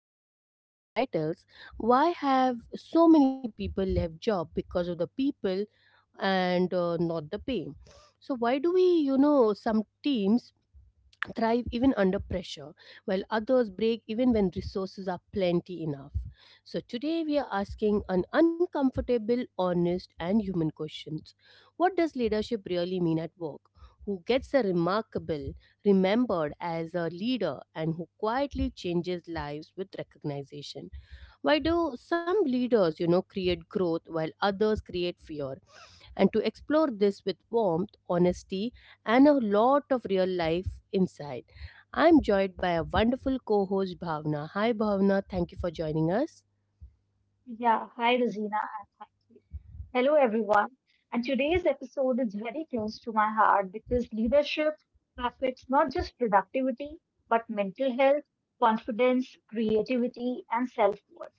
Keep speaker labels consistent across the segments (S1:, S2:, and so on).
S1: only about titles, why have so many people left job because of the people and not the pay? So why do we, you know, some teams thrive even under pressure, while others break even when resources are plenty enough. So, today we are asking an uncomfortable, honest, and human questions. What does leadership really mean at work? Who gets a remarkable, remembered as a leader, and who quietly changes lives with recognition? Why do some leaders create growth while others create fear? And to explore this with warmth, honesty, and a lot of real life insight. I'm joined by a wonderful co-host Bhavna. Hi Bhavna, thank you for joining us.
S2: Yeah, hi Rosina, and thank you. Hello everyone. And today's episode is very close to my heart because leadership affects not just productivity, but mental health, confidence, creativity, and self-worth.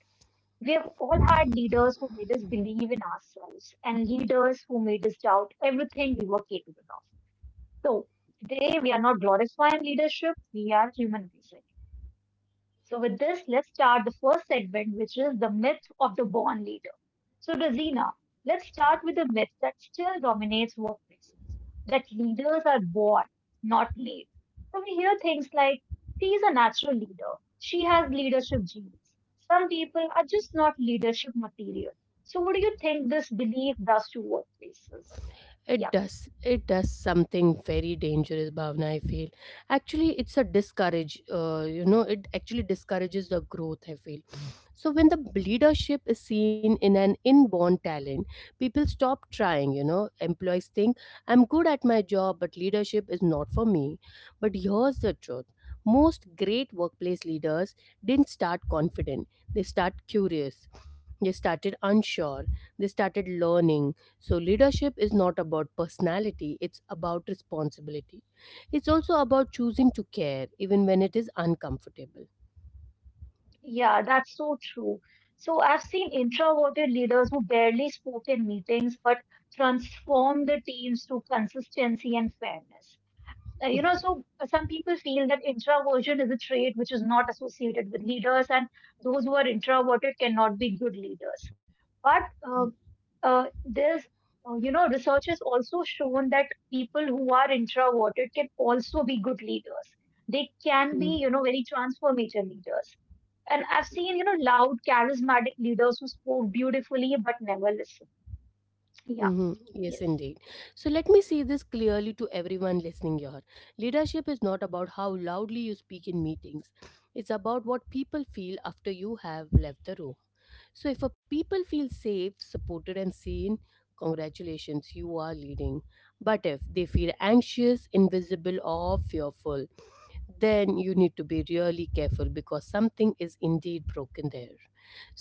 S2: We have all had leaders who made us believe in ourselves and leaders who made us doubt everything we were capable of. So today we are not glorifying leadership, we are humanizing. So, with this, let's start the first segment, which is the myth of the born leader. So, Rosina, let's start with the myth that still dominates workplaces that leaders are born, not made. So, we hear things like, she's a natural leader, she has leadership genes. Some people are just not leadership material. So, what do you think this belief does to workplaces?
S1: It
S2: Yeah.
S1: does. It does something very dangerous, Bhavna, I feel. Actually, it's a discourage. It actually discourages the growth, I feel. So when the leadership is seen in an inborn talent, people stop trying. Employees think, I'm good at my job, but leadership is not for me. But here's the truth. Most great workplace leaders didn't start confident. They start curious. They started unsure. They started learning. So leadership is not about personality, it's about responsibility. It's also about choosing to care even when it is uncomfortable.
S2: Yeah, that's so true. So I've seen introverted leaders who barely spoke in meetings but transform the teams through consistency and fairness. You know, so some people feel that introversion is a trait which is not associated with leaders, and those who are introverted cannot be good leaders. But uh, there's, you know, research has also shown that people who are introverted can also be good leaders. They can be, you know, very transformative leaders and I've seen, you know, loud, charismatic leaders who spoke beautifully but never listened. Yeah,
S1: Yes,
S2: yes.
S1: indeed. So let me say this clearly to everyone listening here. Leadership is not about how loudly you speak in meetings, it's about what people feel after you have left the room. So if a people feel safe, supported, and seen, congratulations, you are leading. But if they feel anxious, invisible, or fearful, then you need to be really careful because something is indeed broken there.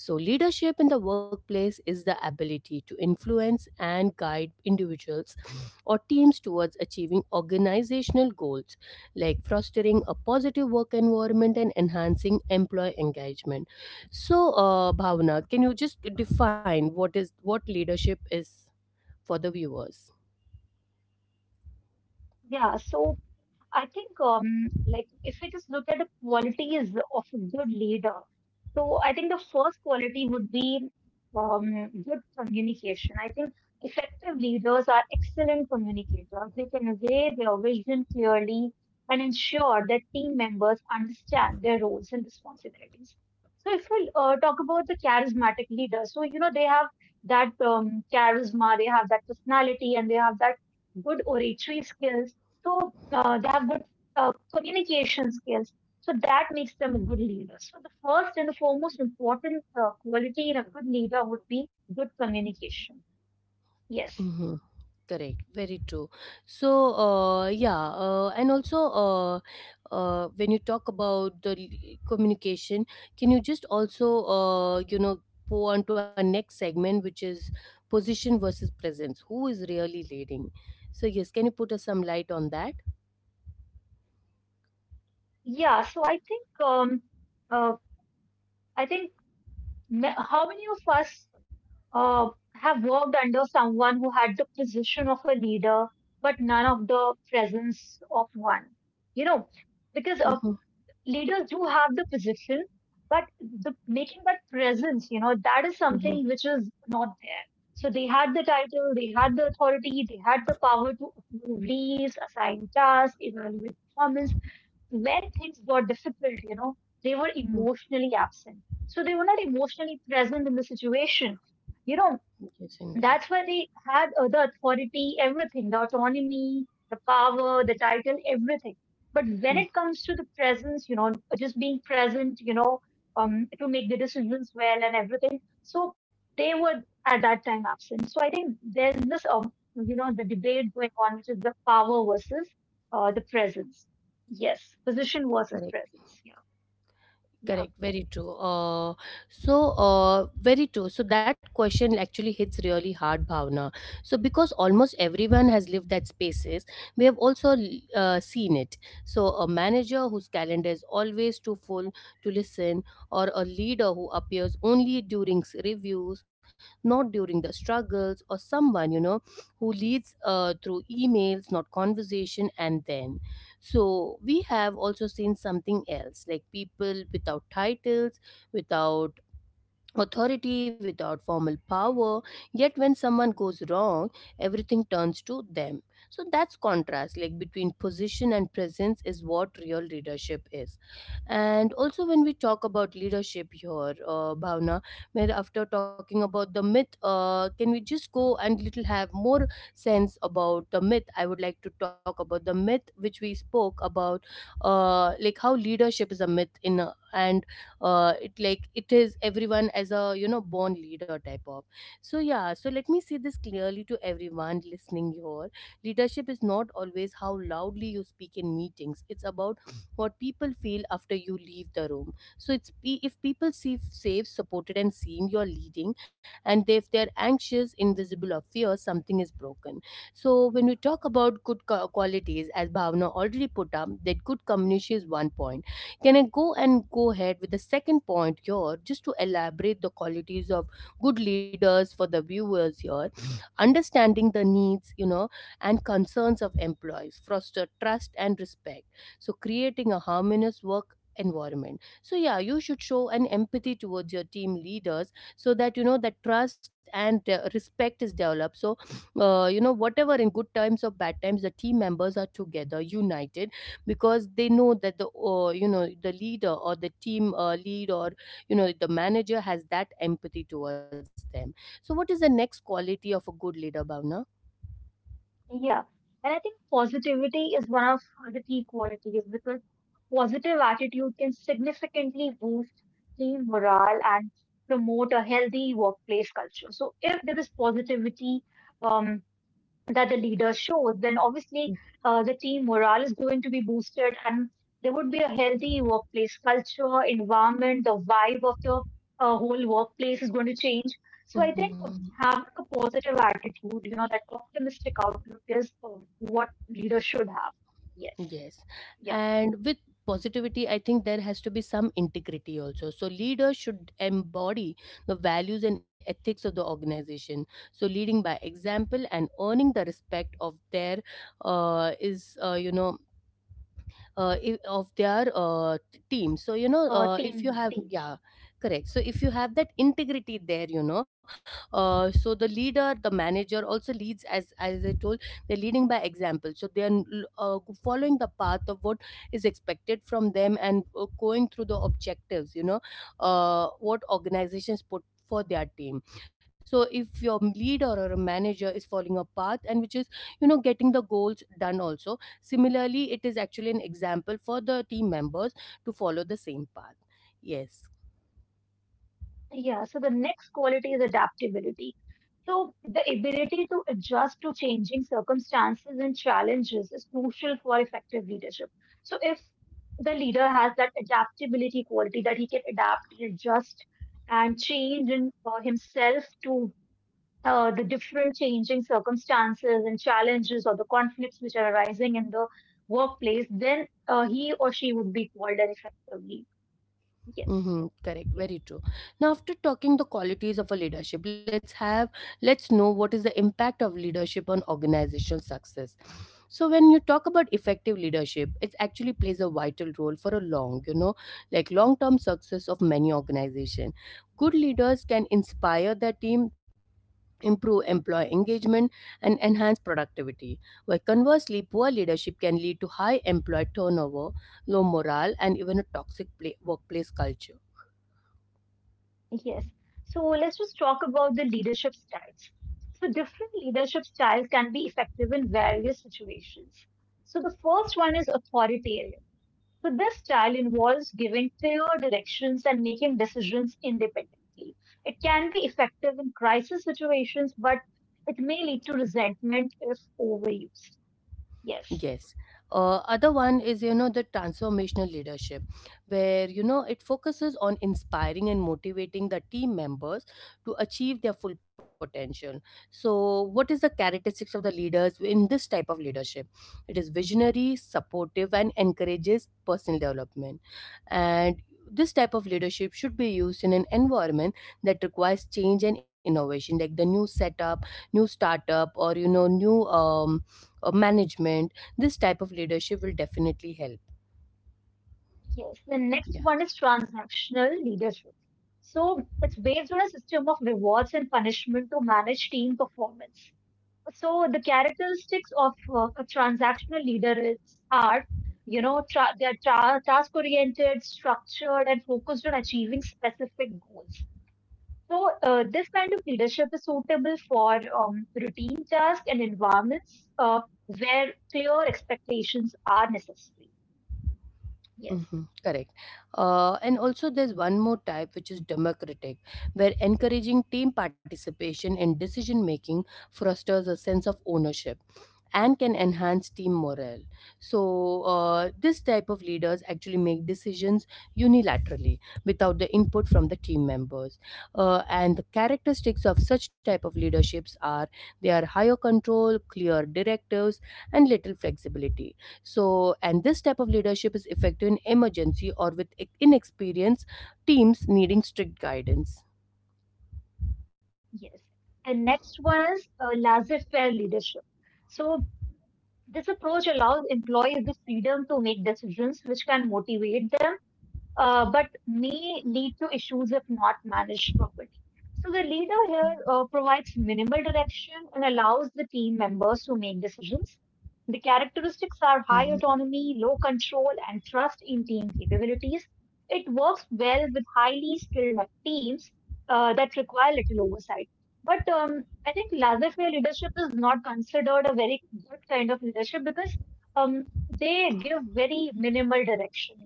S1: So, leadership in the workplace is the ability to influence and guide individuals or teams towards achieving organizational goals like fostering a positive work environment and enhancing employee engagement. So, Bhavna, can you just define what is what leadership is for the viewers?
S2: Yeah, so I think, like, if we just look at the qualities of a good leader, so I think the first quality would be good communication. I think effective leaders are excellent communicators. They convey their vision clearly and ensure that team members understand their roles and responsibilities. So, if we talk about the charismatic leaders, so you know they have that charisma, they have that personality, and they have that good oratory skills so they have good uh, communication skills. So that makes them a good leader. So the first and the foremost important quality in a good leader would be good communication. Yes.
S1: Mm-hmm. Correct, very true. So, and also when you talk about the communication, can you just also, go on to our next segment, which is position versus presence? Who is really leading? So, yes, can you put us some light on that?
S2: Yeah. So uh, I think how many of us have worked under someone who had the position of a leader but none of the presence of one. You know, because
S1: Mm-hmm,
S2: leaders do have the position, but the making that presence, you know, that is
S1: mm-hmm,
S2: something which is not there. So they had the title, they had the authority, they had the power to approve leaves, assign tasks, evaluate performance. When things got difficult, you know, they were
S1: mm.
S2: emotionally absent. So they were not emotionally present in the situation. You know,
S1: Yes, indeed.
S2: that's why they had the authority, everything, the autonomy, the power, the title, everything. But when
S1: Mm,
S2: it comes to the presence, you know, just being present, you know, to make the decisions well and everything. So they were at that time absent. So I think there's this, you know, the debate going on, which is the power versus the presence. Yes, position versus
S1: correct.
S2: presence. Yeah, yeah.
S1: Correct, very true. So, very true. So, that question actually hits really hard, Bhavna. So, because almost everyone has lived that spaces, we have also seen it. So, a manager whose calendar is always too full to listen, or a leader who appears only during reviews, not during the struggles, or someone, who leads through emails, not conversation, and then. So we have also seen something else like people without titles, without authority, without formal power, yet when someone goes wrong, everything turns to them. So that's contrast like between position and presence is what real leadership is. And also when we talk about leadership here, Bhavna, where after talking about the myth, can we just go and little have more sense about the myth. I would like to talk about the myth which we spoke about, like how leadership is a myth in a, and it like it is everyone as a born leader type of. So yeah, so let me say this clearly to everyone listening here. Leadership is not always how loudly you speak in meetings, it's about what people feel after you leave the room. So it's if people see safe, supported and seen, you're leading, and if they're anxious, invisible or fear, something is broken. So when we talk about good qualities, as Bhavna already put up, that good communication is one point, can I go and go ahead with the second point here, just to elaborate the qualities of good leaders for the viewers here? Understanding the needs, and concerns of employees, foster trust and respect. So, creating a harmonious work environment. So yeah, you should show an empathy towards your team leaders so that you know that trust and respect is developed. So whatever in good times or bad times, the team members are together united because they know that the the leader or the team lead, or the manager has that empathy towards them. So what is the next quality of a good leader, Bhavna?
S2: Yeah. And I think positivity is one of the key qualities because positive attitude can significantly boost team morale and promote a healthy workplace culture. So if there is positivity, um, that the leader shows, then obviously the team morale is going to be boosted and there would be a healthy workplace culture, environment, the vibe of the whole workplace is going to change. So I think
S1: Mhm.
S2: having a positive attitude, you know, that optimistic outlook is what leaders should have. Yes.
S1: Yes.
S2: Yeah.
S1: And with positivity, I think there has to be some integrity also. So, leaders should embody the values and ethics of the organization. So, leading by example and earning the respect of their is, of their team. So if you
S2: Team,
S1: have,
S2: team.
S1: yeah, correct, so if you have that integrity there, so the leader, the manager also leads, as I told, they're leading by example. So they're uh, following the path of what is expected from them and going through the objectives, what organizations put for their team. So if your leader or a manager is following a path and which is getting the goals done also. Similarly, it is actually an example for the team members to follow the same path. Yes.
S2: Yeah, so the next quality is adaptability. So the ability to adjust to changing circumstances and challenges is crucial for effective leadership. So if the leader has that adaptability quality that he can adapt and adjust and change in, himself to the different changing circumstances and challenges or the conflicts which are arising in the workplace, then he or she would be called an effective leader. Yes.
S1: Mm-hmm, correct, very true. Now after talking the qualities of a leadership, let's have, let's know what is the impact of leadership on organizational success. So when you talk about effective leadership, it actually plays a vital role for a long, like long term success of many organization. Good leaders can inspire their team, improve employee engagement, and enhance productivity, while conversely poor leadership can lead to high employee turnover, low morale, and even a toxic pla workplace culture.
S2: Yes. So let's just talk about the leadership styles. So different leadership styles can be effective in various situations. So the first one is authoritarian. So this style involves giving clear directions and making decisions independently. It can be effective in crisis situations, but it may lead to resentment if overused. Yes.
S1: Yes. Other one is the transformational leadership, where it focuses on inspiring and motivating the team members to achieve their full potential. So what is the characteristics of the leaders in this type of leadership? It is visionary, supportive, and encourages personal development, and this type of leadership should be used in an environment that requires change and innovation, like the new setup, new startup, or new management. This type of leadership will definitely help.
S2: Yes, the next
S1: Yeah.
S2: one is transactional leadership. So it's based on a system of rewards and punishment to manage team performance. So the characteristics of a transactional leader is are, you know, they are task-oriented, structured, and focused on achieving specific goals. So this kind of leadership is suitable for routine tasks and environments where clear expectations are necessary.
S1: Mhm,
S2: Yes.
S1: correct. And also, there's one more type which is democratic, where encouraging team participation in decision making fosters a sense of ownership and can enhance team morale. So, this type of leaders actually make decisions unilaterally without the input from the team members. And the characteristics of such type of leaderships are they are higher control, clear directives, and little flexibility. So, and this type of leadership is effective in emergency or with inexperienced teams needing strict guidance.
S2: Yes. And next one is laissez-faire leadership. So this approach allows employees the freedom to make decisions which can motivate them but may lead to issues if not managed properly. So the leader here provides minimal direction and allows the team members to make decisions. The
S1: Mhm,
S2: characteristics are high autonomy, low control, and trust in team capabilities. It works well with highly skilled teams that require little oversight. But I think laissez-faire leadership is not considered a very good kind of leadership because they give very minimal direction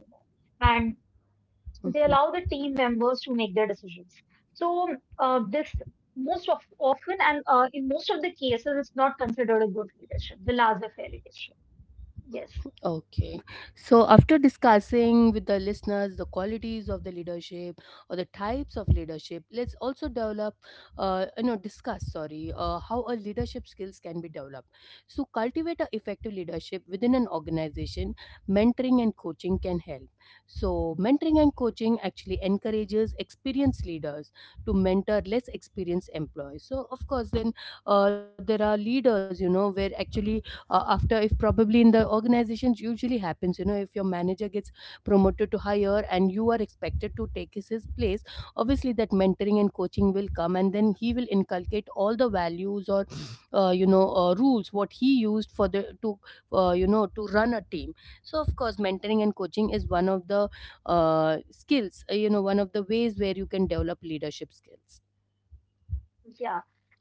S2: and
S1: mhm.
S2: they allow the team members to make their decisions. So this most of often and in most of the cases, it's not considered a good leadership, the laissez-faire leadership. Yes,
S1: Okay. So, after discussing with the listeners the qualities of the leadership or the types of leadership, let's also develop, discuss, sorry, how a leadership skills can be developed. So, cultivate a effective leadership within an organization. Mentoring and coaching can help. So, mentoring and coaching actually encourages experienced leaders to mentor less experienced employees. So, of course, then there are leaders, where actually after if probably in the organizations usually happens, if your manager gets promoted to higher and you are expected to take his place, obviously that mentoring and coaching will come, and then he will inculcate all the values or rules what he used for the to, to run a team. So of course mentoring and coaching is one of the skills, one of the ways where you can develop leadership skills.
S2: yeah.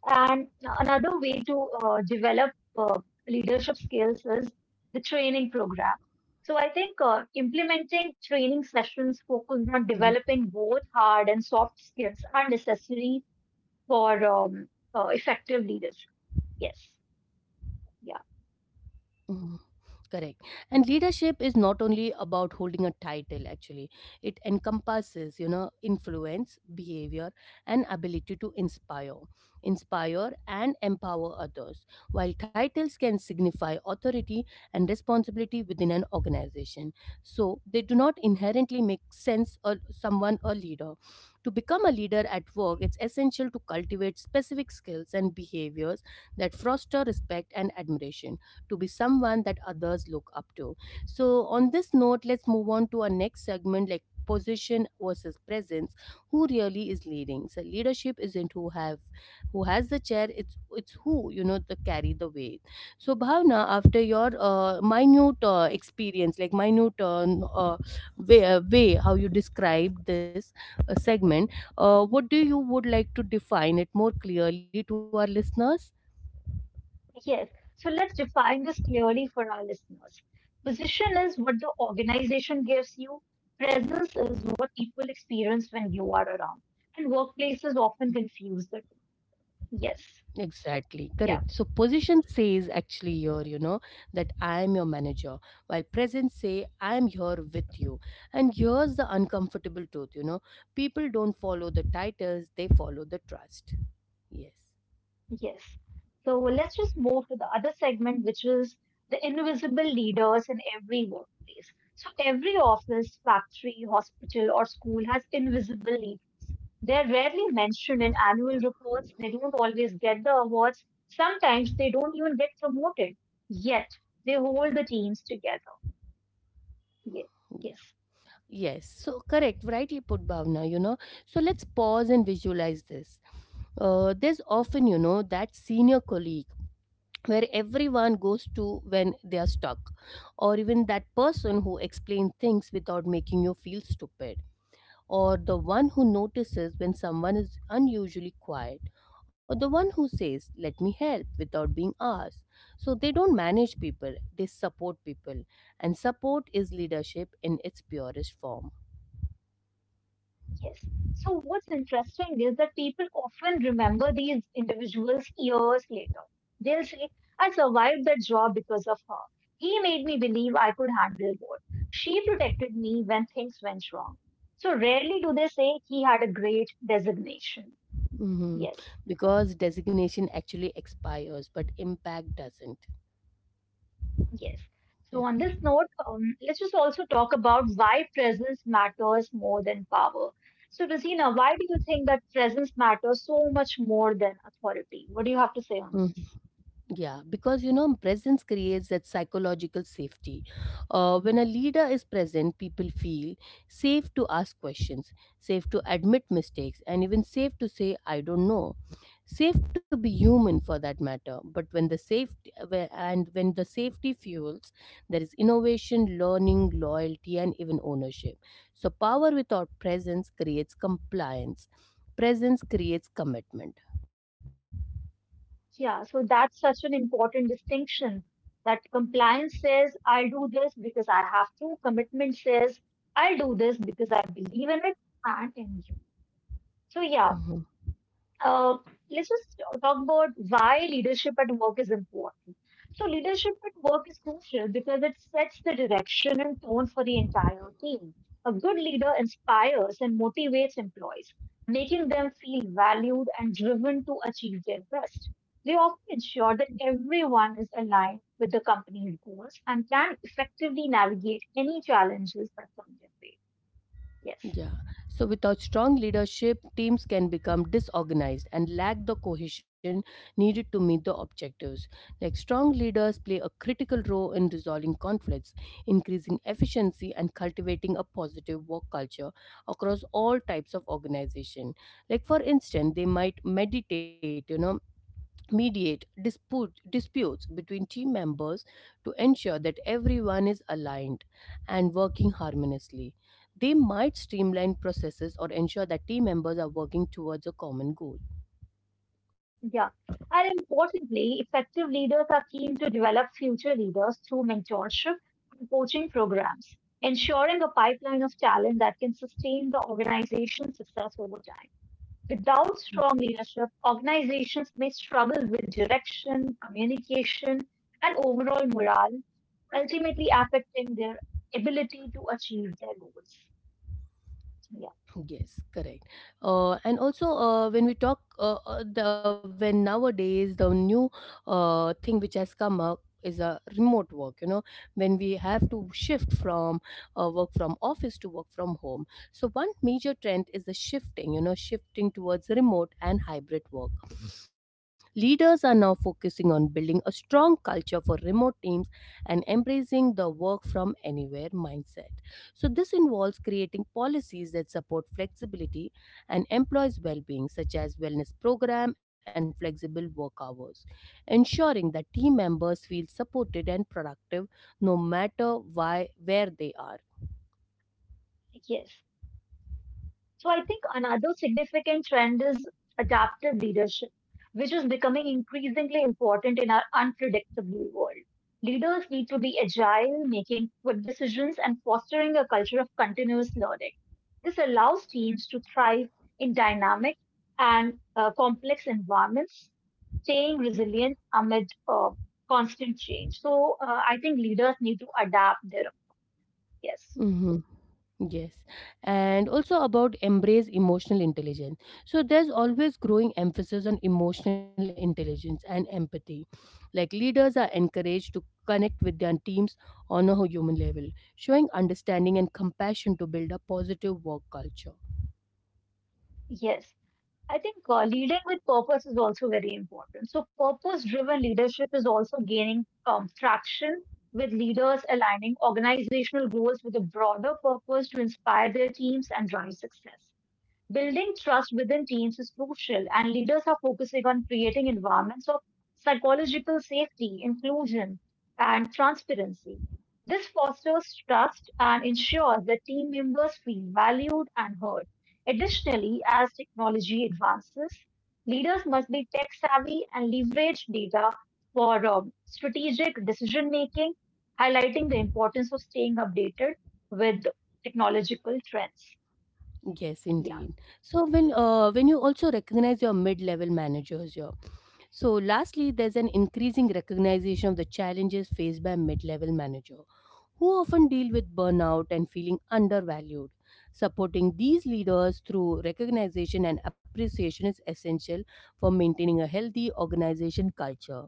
S2: And another way to develop leadership skills is the training program. So I think
S1: Mm-hmm.
S2: implementing training sessions focused on developing both hard and soft skills are necessary for effective leadership. Yes,
S1: Mhm.
S2: yeah.
S1: Correct. And leadership is not only about holding a title, actually, it encompasses, influence, behavior, and ability to inspire, and empower others. While titles can signify authority and responsibility within an organization, so they do not inherently make sense or someone a leader. To become a leader at work, it's essential to cultivate specific skills and behaviors that foster respect and admiration to be someone that others look up to. So, on this note, let's move on to our next segment like position versus presence. Who really is leading? So leadership isn't who have who has the chair, it's who, you know, the carry the weight. So Bhavna, after your minute experience, like minute way, way how you described this segment, what do you would like to define it more clearly to our listeners?
S2: Yes, so let's define this clearly for our listeners. Position is what the organization gives you, presence is what people experience when you are around, and workplaces often confuse the two. Yes,
S1: Exactly,
S2: yeah,
S1: correct. So position says actually here, you know, that I am your manager, while presence say I am here with you. And here's the uncomfortable truth, you know, people don't follow the titles, they follow the trust. Yes.
S2: yes. So let's just move to the other segment, which is the invisible leaders in every workplace. So every office, factory, hospital, or school has invisible. They're rarely mentioned in annual reports. They don't always get the awards. Sometimes they don't even get promoted. Yet they hold the teams together. Yes,
S1: Yeah.
S2: yes,
S1: Yes. So correct, rightly put Bhavna, you know. So let's pause and visualize this. There's often, you know, that senior colleague where everyone goes to when they are stuck, or even that person who explains things without making you feel stupid, or the one who notices when someone is unusually quiet, or the one who says, "Let me help" without being asked. So they don't manage people, they support people, and support is leadership in its purest form.
S2: yes. So what's interesting is that people often remember these individuals years later. They'll say, I survived that job because of her. He made me believe I could handle more. She protected me when things went wrong. So rarely do they say he had a great designation.
S1: Mhm.
S2: Yes.
S1: Because designation actually expires, but impact doesn't.
S2: Yes.
S1: Yeah.
S2: So on this note, let's just also talk about why presence matters more than power. So Rosina, why do you think that presence matters so much more than authority? What do you have to say on
S1: Mm-hmm.
S2: this?
S1: Yeah, because you know, presence creates that psychological safety. When a leader is present, people feel safe to ask questions, safe to admit mistakes, and even safe to say, I don't know. Safe to be human for that matter. But when the safety whe- and when the safety fuels, there is innovation, learning, loyalty, and even ownership. So, power without presence creates compliance, presence creates commitment.
S2: Yeah, so that's such an important distinction that compliance says I'll do this because I have to, commitment says I'll do this because I believe in it and in you. So yeah,
S1: Mm-hmm.
S2: Uh, let's just talk about why leadership at work is important. So, leadership at work is crucial because it sets the direction and tone for the entire team. A good leader inspires and motivates employees, making them feel valued and driven to achieve their best. They often ensure that everyone is aligned with the company's goals and can effectively navigate any challenges that come their way. Yes.
S1: Yeah. So, without strong leadership, teams can become disorganized and lack the cohesion needed to meet the objectives. Like, strong leaders play a critical role in resolving conflicts, increasing efficiency, and cultivating a positive work culture across all types of organization. Like, for instance, they might meditate, you know, mediate disputes between team members to ensure that everyone is aligned and working harmoniously. They might streamline processes or ensure that team members are working towards a common goal.
S2: Yeah. And importantly, effective leaders are keen to develop future leaders through mentorship and coaching programs, ensuring a pipeline of talent that can sustain the organization's success over time. Without strong leadership, organizations may struggle with direction, communication, and overall morale, ultimately affecting their ability to achieve their goals. Yeah.
S1: Yes, correct. And also, when nowadays the new thing which has come up is a remote work. You know, when we have to shift from work from office to work from home. So one major trend is the shifting. You know, shifting towards remote and hybrid work. Leaders are now focusing on building a strong culture for remote teams and embracing the work from anywhere mindset. So, this involves creating policies that support flexibility and employees' well being, such as wellness program and flexible work hours, ensuring that team members feel supported and productive no matter why, where they are.
S2: Yes. So I think another significant trend is adaptive leadership, which is becoming increasingly important in our unpredictable world. Leaders need to be agile, making quick decisions, and fostering a culture of continuous learning. This allows teams to thrive in dynamic and complex environments, staying resilient amid constant change. So I think leaders need to adapt their yes,
S1: Yes, and also about embrace emotional intelligence. So there's always growing emphasis on emotional intelligence and empathy. Like leaders are encouraged to connect with their teams on a human level, showing understanding and compassion to build a positive work culture.
S2: yes. I think leading with purpose is also very important. So, purpose driven leadership is also gaining traction with leaders aligning organizational goals with a broader purpose to inspire their teams and drive success. Building trust within teams is crucial, and leaders are focusing on creating environments of psychological safety, inclusion, and transparency. This fosters trust and ensures that team members feel valued and heard. Additionally, as technology advances, leaders must be tech savvy and leverage data for strategic decision making, highlighting the importance of staying updated with technological trends.
S1: Yes, indeed.
S2: Yeah,
S1: So when you also recognize your mid-level managers here. So lastly, there's an increasing recognition of the challenges faced by mid-level manager who often deal with burnout and feeling undervalued. Supporting these leaders through recognition and appreciation is essential for maintaining a healthy organization culture.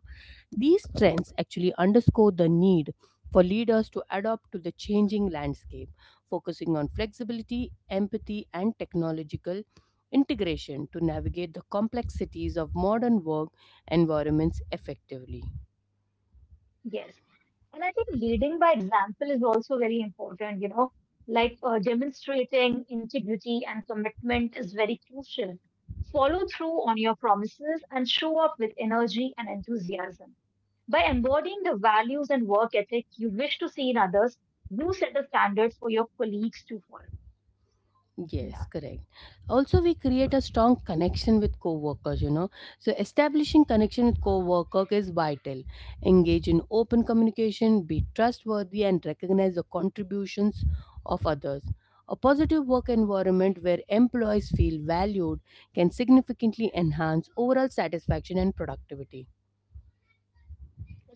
S1: These trends actually underscore the need for leaders to adapt to the changing landscape, focusing on flexibility, empathy, and technological integration to navigate the complexities of modern work environments effectively.
S2: yes. And I think leading by example is also very important, you know, like demonstrating integrity and commitment is very crucial. Follow through on your promises and show up with energy and enthusiasm. By embodying the values and work ethic you wish to see in others, you set the standards for your colleagues to follow. Yeah.
S1: Yes, correct. Also, we create a strong connection with co-workers, you know. So establishing connection with co-worker is vital. Engage in open communication, be trustworthy and recognize the contributions of others. A positive work environment where employees feel valued can significantly enhance overall satisfaction and productivity.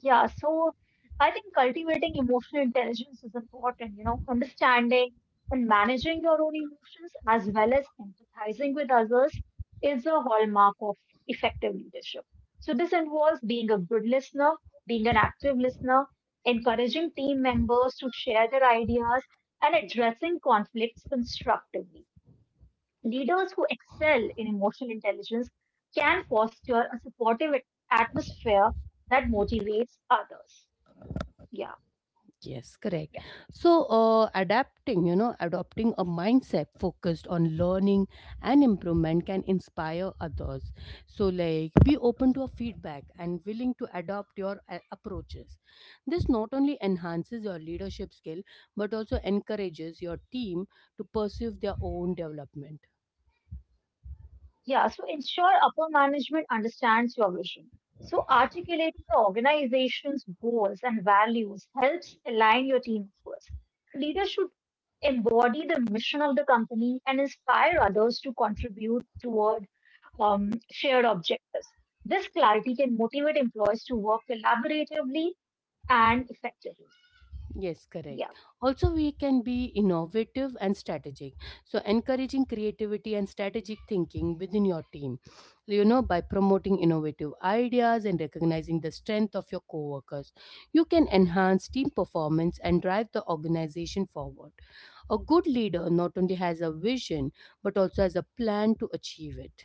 S2: Yeah, so I think cultivating emotional intelligence is important, you know, understanding and managing your own emotions as well as empathizing with others is a hallmark of effective leadership. So this involves being a good listener, being an active listener, encouraging team members to share their ideas and addressing conflicts constructively. Leaders who excel in emotional intelligence can foster a supportive atmosphere that motivates others. Yeah,
S1: Yes, correct.
S2: yeah,
S1: So, adapting, you know, adopting a mindset focused on learning and improvement can inspire others. So, like, be open to a feedback and willing to adopt your approaches. This not only enhances your leadership skill but also encourages your team to pursue their own development.
S2: yeah. So ensure upper management understands your vision. So articulating the organization's goals and values helps align your team efforts. Leaders should embody the mission of the company and inspire others to contribute toward shared objectives. This clarity can motivate employees to work collaboratively and effectively.
S1: Yes, correct.
S2: Yeah,
S1: Also, we can be innovative and strategic. So, encouraging creativity and strategic thinking within your team, you know, by promoting innovative ideas and recognizing the strength of your coworkers, you can enhance team performance and drive the organization forward. A good leader not only has a vision but also has a plan to achieve it.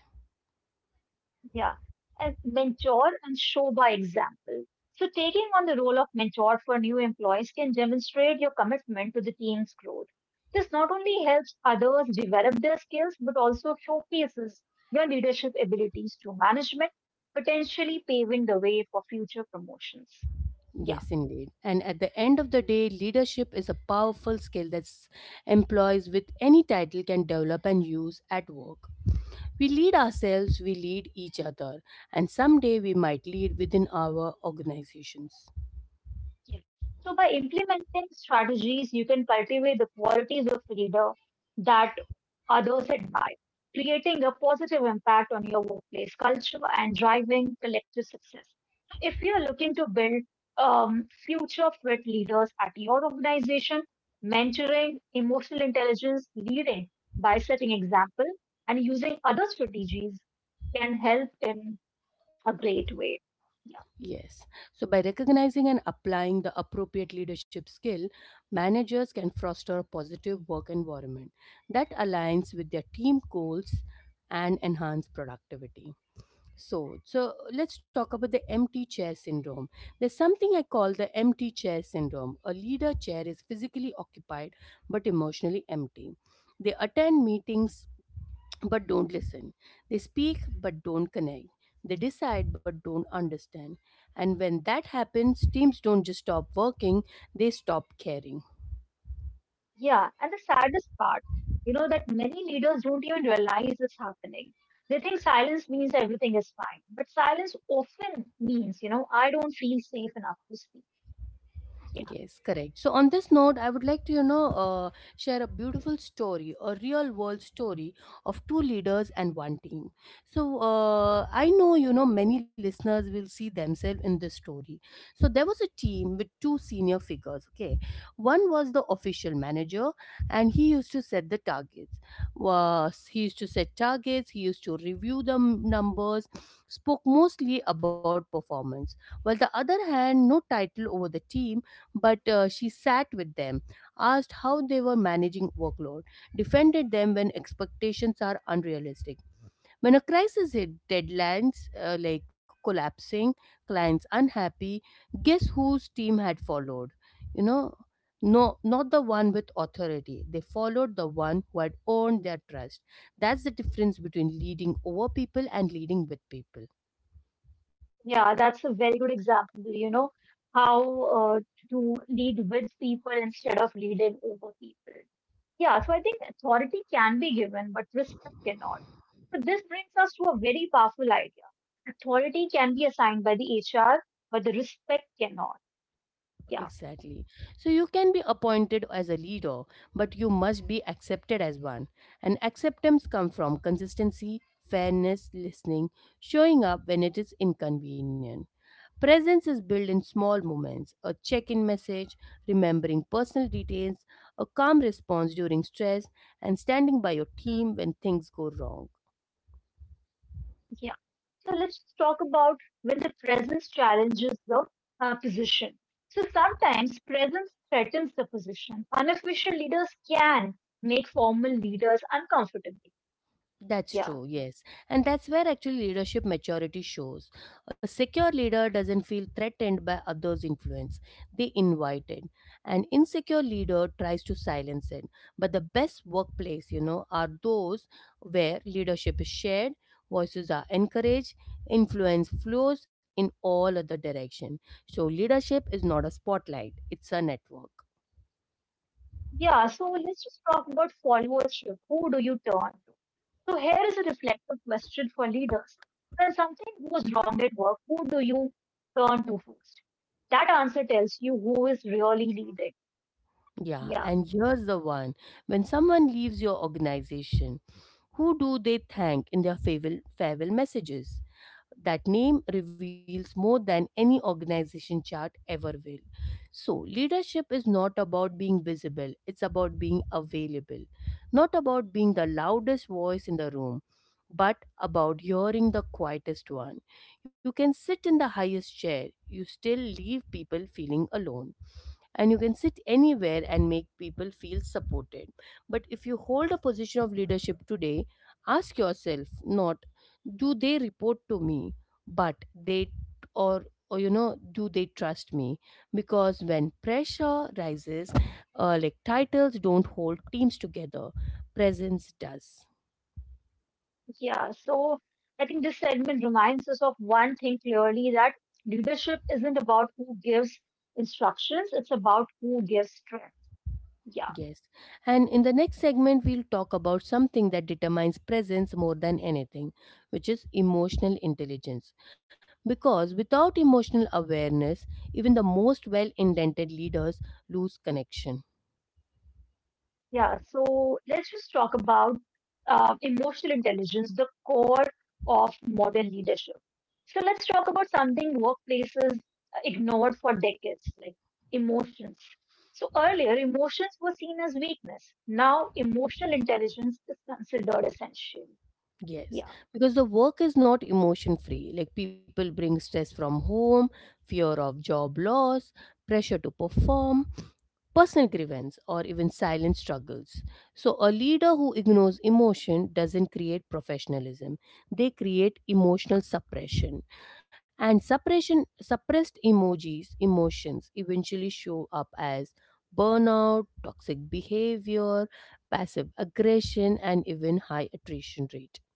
S2: yeah. And mentor and show by example. So, taking on the role of mentor for new employees can demonstrate your commitment to the team's growth. This not only helps others develop their skills, but also showcases your leadership abilities to management, potentially paving the way for future promotions. Yeah.
S1: Yes, indeed. And at the end of the day, leadership is a powerful skill that employees with any title can develop and use at work. We lead ourselves, we lead each other, and someday we might lead within our organizations.
S2: Yes. So by implementing strategies, you can cultivate the qualities of leader that others admire, creating a positive impact on your workplace culture and driving collective success. If you are looking to build future fit leaders at your organization, mentoring, emotional intelligence, leading by setting example, and using other strategies can help in a great way.
S1: Yes. So, by recognizing and applying the appropriate leadership skill, managers can foster a positive work environment that aligns with their team goals and enhance productivity. So, let's talk about the empty chair syndrome. There's something I call the empty chair syndrome. A leader chair is physically occupied but emotionally empty. They attend meetings but don't listen. They speak but don't connect. They decide but don't understand. And when that happens, teams don't just stop working, they stop caring.
S2: Yeah, and the saddest part, you know, that many leaders don't even realize it's happening. They think silence means everything is fine, but silence often means, you know, I don't feel safe enough to speak. Yeah,
S1: Yes, correct. So, on this note, I would like to, you know, share a beautiful story, a real world story of two leaders and one team. So, I know, you know, many listeners will see themselves in this story. So, there was a team with two senior figures, okay? One was the official manager, and he used to set the targets. Was he used to set targets, he used to review the numbers, spoke mostly about performance. While the other hand, no title over the team but she sat with them, asked how they were managing workload, defended them when expectations are unrealistic. When a crisis hit, deadlines like collapsing, clients unhappy, guess whose team had followed? You know, no, not the one with authority. They followed the one who had earned their trust. That's the difference between leading over people and leading with people.
S2: yeah, that's a very good example, you know, how uh, to lead with people instead of leading over people. Yeah, so I think authority can be given, but respect cannot. So this brings us to a very powerful idea. Authority can be assigned by the HR, but the respect cannot. Yeah.
S1: Exactly. So you can be appointed as a leader, but you must be accepted as one. And acceptance comes from consistency, fairness, listening, showing up when it is inconvenient. Presence is built in small moments: a check in message, remembering personal details, a calm response during stress, and standing by your team when things go wrong.
S2: Yeah. So let's talk about when the presence challenges the position. So sometimes presence threatens the position. Unofficial leaders can make formal leaders uncomfortable.
S1: That's
S2: Yeah.
S1: true, yes. And that's where actually leadership maturity shows. A secure leader doesn't feel threatened by others' influence, they invite it. An insecure leader tries to silence it. But the best workplace, you know, are those where leadership is shared, voices are encouraged, influence flows in all other direction. So leadership is not a spotlight, it's a network.
S2: Yeah. So let's just talk about followership. Who do you turn to? So here is a reflective question for leaders. When something goes wrong at work, who do you turn to first? That answer tells you who is really leading.
S1: Yeah,
S2: Yeah.
S1: and here's the one, when someone leaves your organization, who do they thank in their farewell messages? That name reveals more than any organization chart ever will. So, leadership is not about being visible, it's about being available. Not about being the loudest voice in the room, but about hearing the quietest one. You can sit in the highest chair, you still leave people feeling alone and you can sit anywhere and make people feel supported. But if you hold a position of leadership today, ask yourself not do they report to me, but they or you know do they trust me, because when pressure rises like titles don't hold teams together, presence does.
S2: Yeah, so I think this segment reminds us of one thing clearly that leadership isn't about who gives instructions, it's about who gives strength. Yeah,
S1: Yes. And in the next segment, we'll talk about something that determines presence more than anything, which is emotional intelligence. Because without emotional awareness, even the most well indented leaders lose connection.
S2: yeah. So let's just talk about emotional intelligence, the core of modern leadership. So let's talk about something workplaces ignored for decades, like emotions. So earlier, emotions were seen as weakness. Now, emotional intelligence is considered essential. Yeah.
S1: Yes. Because the work is not emotion free. Like people bring stress from home, fear of job loss, pressure to perform, personal grievance or even silent struggles. So, a leader who ignores emotion doesn't create professionalism, they create emotional suppression. And suppressed emotions eventually show up as burnout, toxic behavior, passive aggression, and even high attrition rate.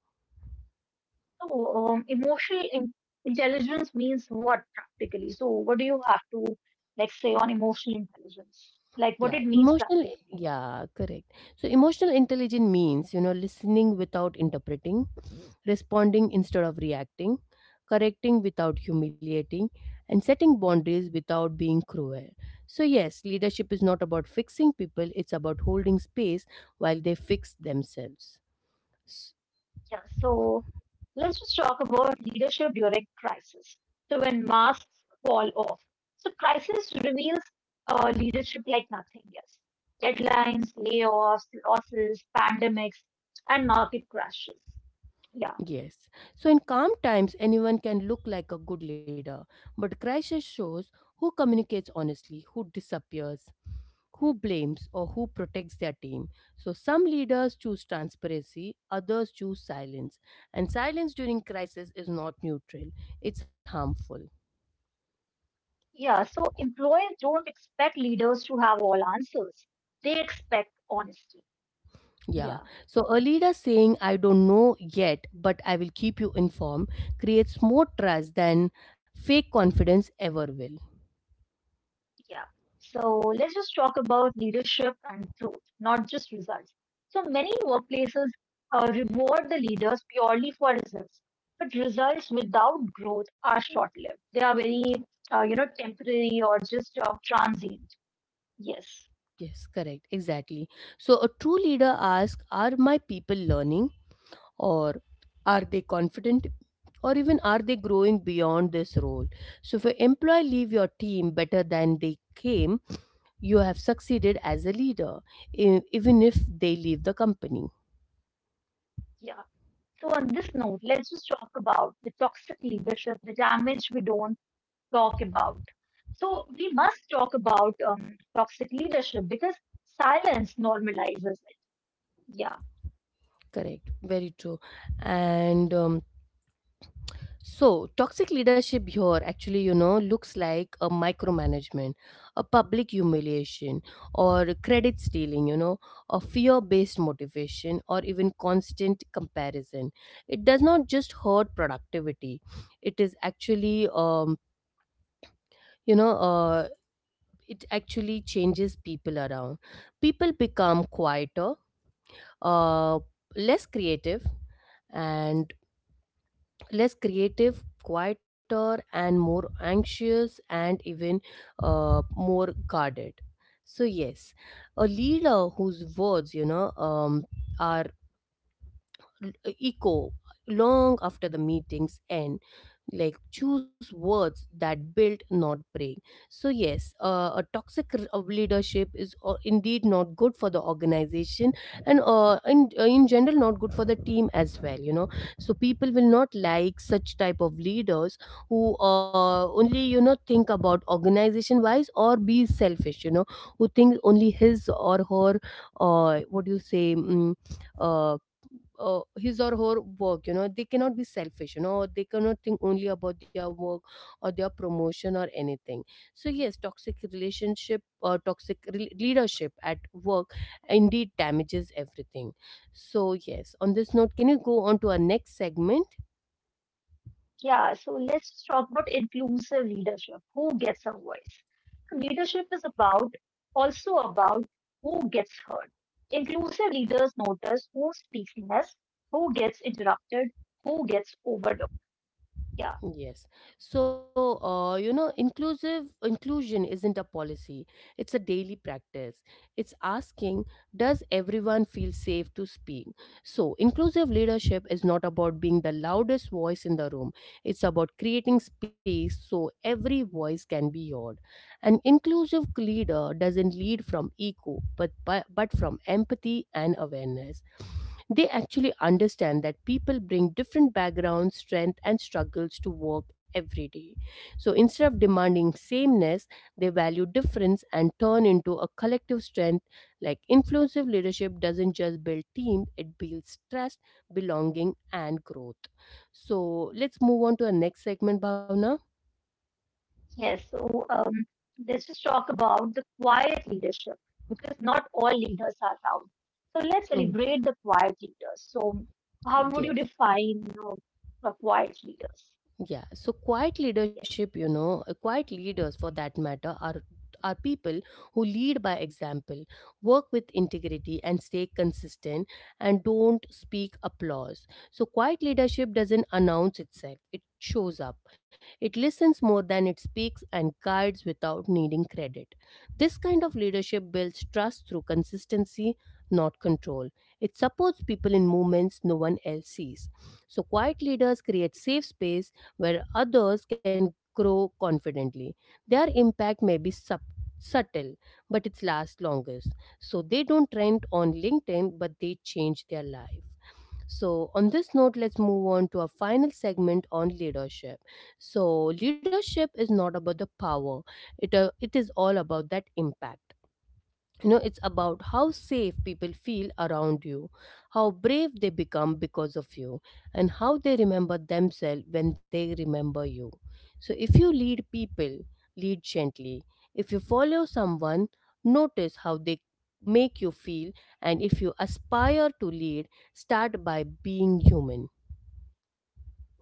S2: So, intelligence means what practically? So, what do you have to like say on emotional intelligence? Like what
S1: Yeah,
S2: it means practically?
S1: yeah, correct. So, emotional intelligence means, you know, listening without interpreting, responding instead of reacting, correcting without humiliating, and setting boundaries without being cruel. So, yes, leadership is not about fixing people, it's about holding space while they fix themselves. S-
S2: Yeah. So, let's just talk about leadership during crisis. So, when masks fall off, so crisis reveals leadership like nothing else. Deadlines, layoffs, losses, pandemics, and market crashes. Yeah.
S1: Yes. So, in calm times, anyone can look like a good leader, but crisis shows who communicates honestly, who disappears, who blames or who protects their team. So, some leaders choose transparency, others choose silence. And silence during crisis is not neutral, it's harmful.
S2: Yeah, so employers don't expect leaders to have all answers. They expect honesty.
S1: Yeah.
S2: Yeah,
S1: So, a leader saying, I don't know yet, but I will keep you informed, creates more trust than fake confidence ever will.
S2: yeah. So let's just talk about leadership and growth, not just results. So many workplaces reward the leaders purely for results, but results without growth are short lived. They are very, you know, temporary or just transient. Yes,
S1: Yes, correct. Exactly. So, a true leader asks, are my people learning? Or are they confident, or even are they growing beyond this role? So if an employee leave your team better than they came, you have succeeded as a leader, even if they leave the company.
S2: yeah. So, on this note, let's just talk about the toxic leadership, the damage we don't talk about. So, we must talk about toxic leadership because silence normalizes it. Yeah,
S1: Correct, very true. And So, toxic leadership here actually, you know, looks like a micromanagement, a public humiliation, or credit stealing, you know, a fear based motivation, or even constant comparison. It does not just hurt productivity, it is actually, you know, uh, it actually changes people around. People become quieter, uh, less creative, and quieter, and more anxious, and even more guarded. So yes, a leader whose words, are echo long after the meetings end. Like, choose words that build, not break. So yes, a toxic r- of leadership is indeed not good for the organization, and in general not good for the team as well, you know. So people will not like such type of leaders who only think about organization wise or be selfish, you know, who think only his or her what do you say uh, his or her work. You know, they cannot be selfish, you know, they cannot think only about their work or their promotion or anything. So yes, toxic relationship or leadership at work indeed damages everything. So yes, on this note, can you go on to our next segment?
S2: yeah. So, let's just talk about inclusive leadership who gets a voice. So leadership is about also about who gets heard. Inclusive leaders notice who speaks less, who gets interrupted, who gets overlooked. Yeah.
S1: Yes. So, you know, inclusive inclusion isn't a policy. It's a daily practice. It's asking, does everyone feel safe to speak? So, inclusive leadership is not about being the loudest voice in the room. It's about creating space so every voice can be heard. An inclusive leader doesn't lead from ego, but but from empathy and awareness. They actually understand that people bring different backgrounds, strengths, and struggles to work every day. So instead of demanding sameness, they value difference and turn into a collective strength. Like, influensive leadership doesn't just build teams, it builds trust, belonging, and growth. So let's move on to our next segment, Bhavna.
S2: Yes, so um, let's just talk about the quiet leadership because not all leaders are loud. So let's
S1: Mm,
S2: celebrate the quiet leaders. So how would you
S1: yes.
S2: define you know, the quiet leaders?
S1: Yeah, so quiet
S2: Yes,
S1: leadership, quiet leaders for that matter are people who lead by example, work with integrity and stay consistent, and don't speak applause. So quiet leadership doesn't announce itself. It shows up. It listens more than it speaks and guides without needing credit. This kind of leadership builds trust through consistency, not control. It supports people in movements no one else sees. So quiet leaders create safe space where others can grow confidently. Their impact may be subtle, but it lasts longest. So they don't trend on LinkedIn, but they change their life. So, on this note, let's move on to our final segment on leadership. So, leadership is not about the power, it is all about that impact. You know, it's about how safe people feel around you, how brave they become because of you, and how they remember themselves when they remember you. So if you lead people, lead gently. If you follow someone, notice how they make you feel. And if you aspire to lead, start by being human.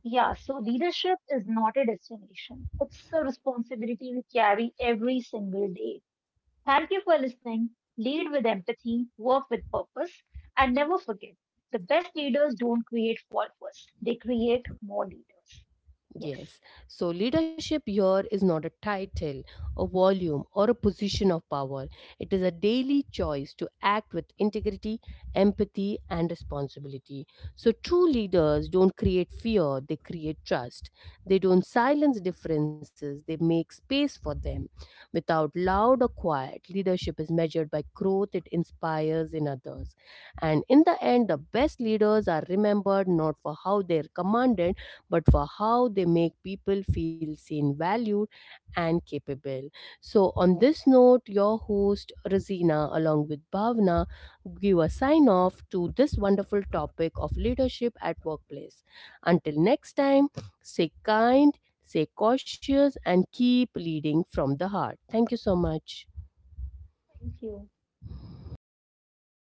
S2: yeah, so leadership is not a destination. It's a responsibility we carry every single day. Thank you for listening. Lead with empathy, work with purpose, and never forget the best leaders don't create followers, they create more leaders. Yes,
S1: Yes. So leadership here is not a title, a volume, or a position of power. It is a daily choice to act with integrity, empathy, and responsibility. So true leaders don't create fear, they create trust. They don't silence differences, they make space for them. Without loud or quiet, leadership is measured by growth it inspires in others. And in the end, the best leaders are remembered not for how they're commanded but for how they make people feel seen, valued, and capable. So, on this note, your host Razina, along with Bhavna, give a sign off to this wonderful topic of leadership at workplace. Until next time, stay kind, stay cautious, and keep leading from the heart. Thank you so much.
S2: thank you.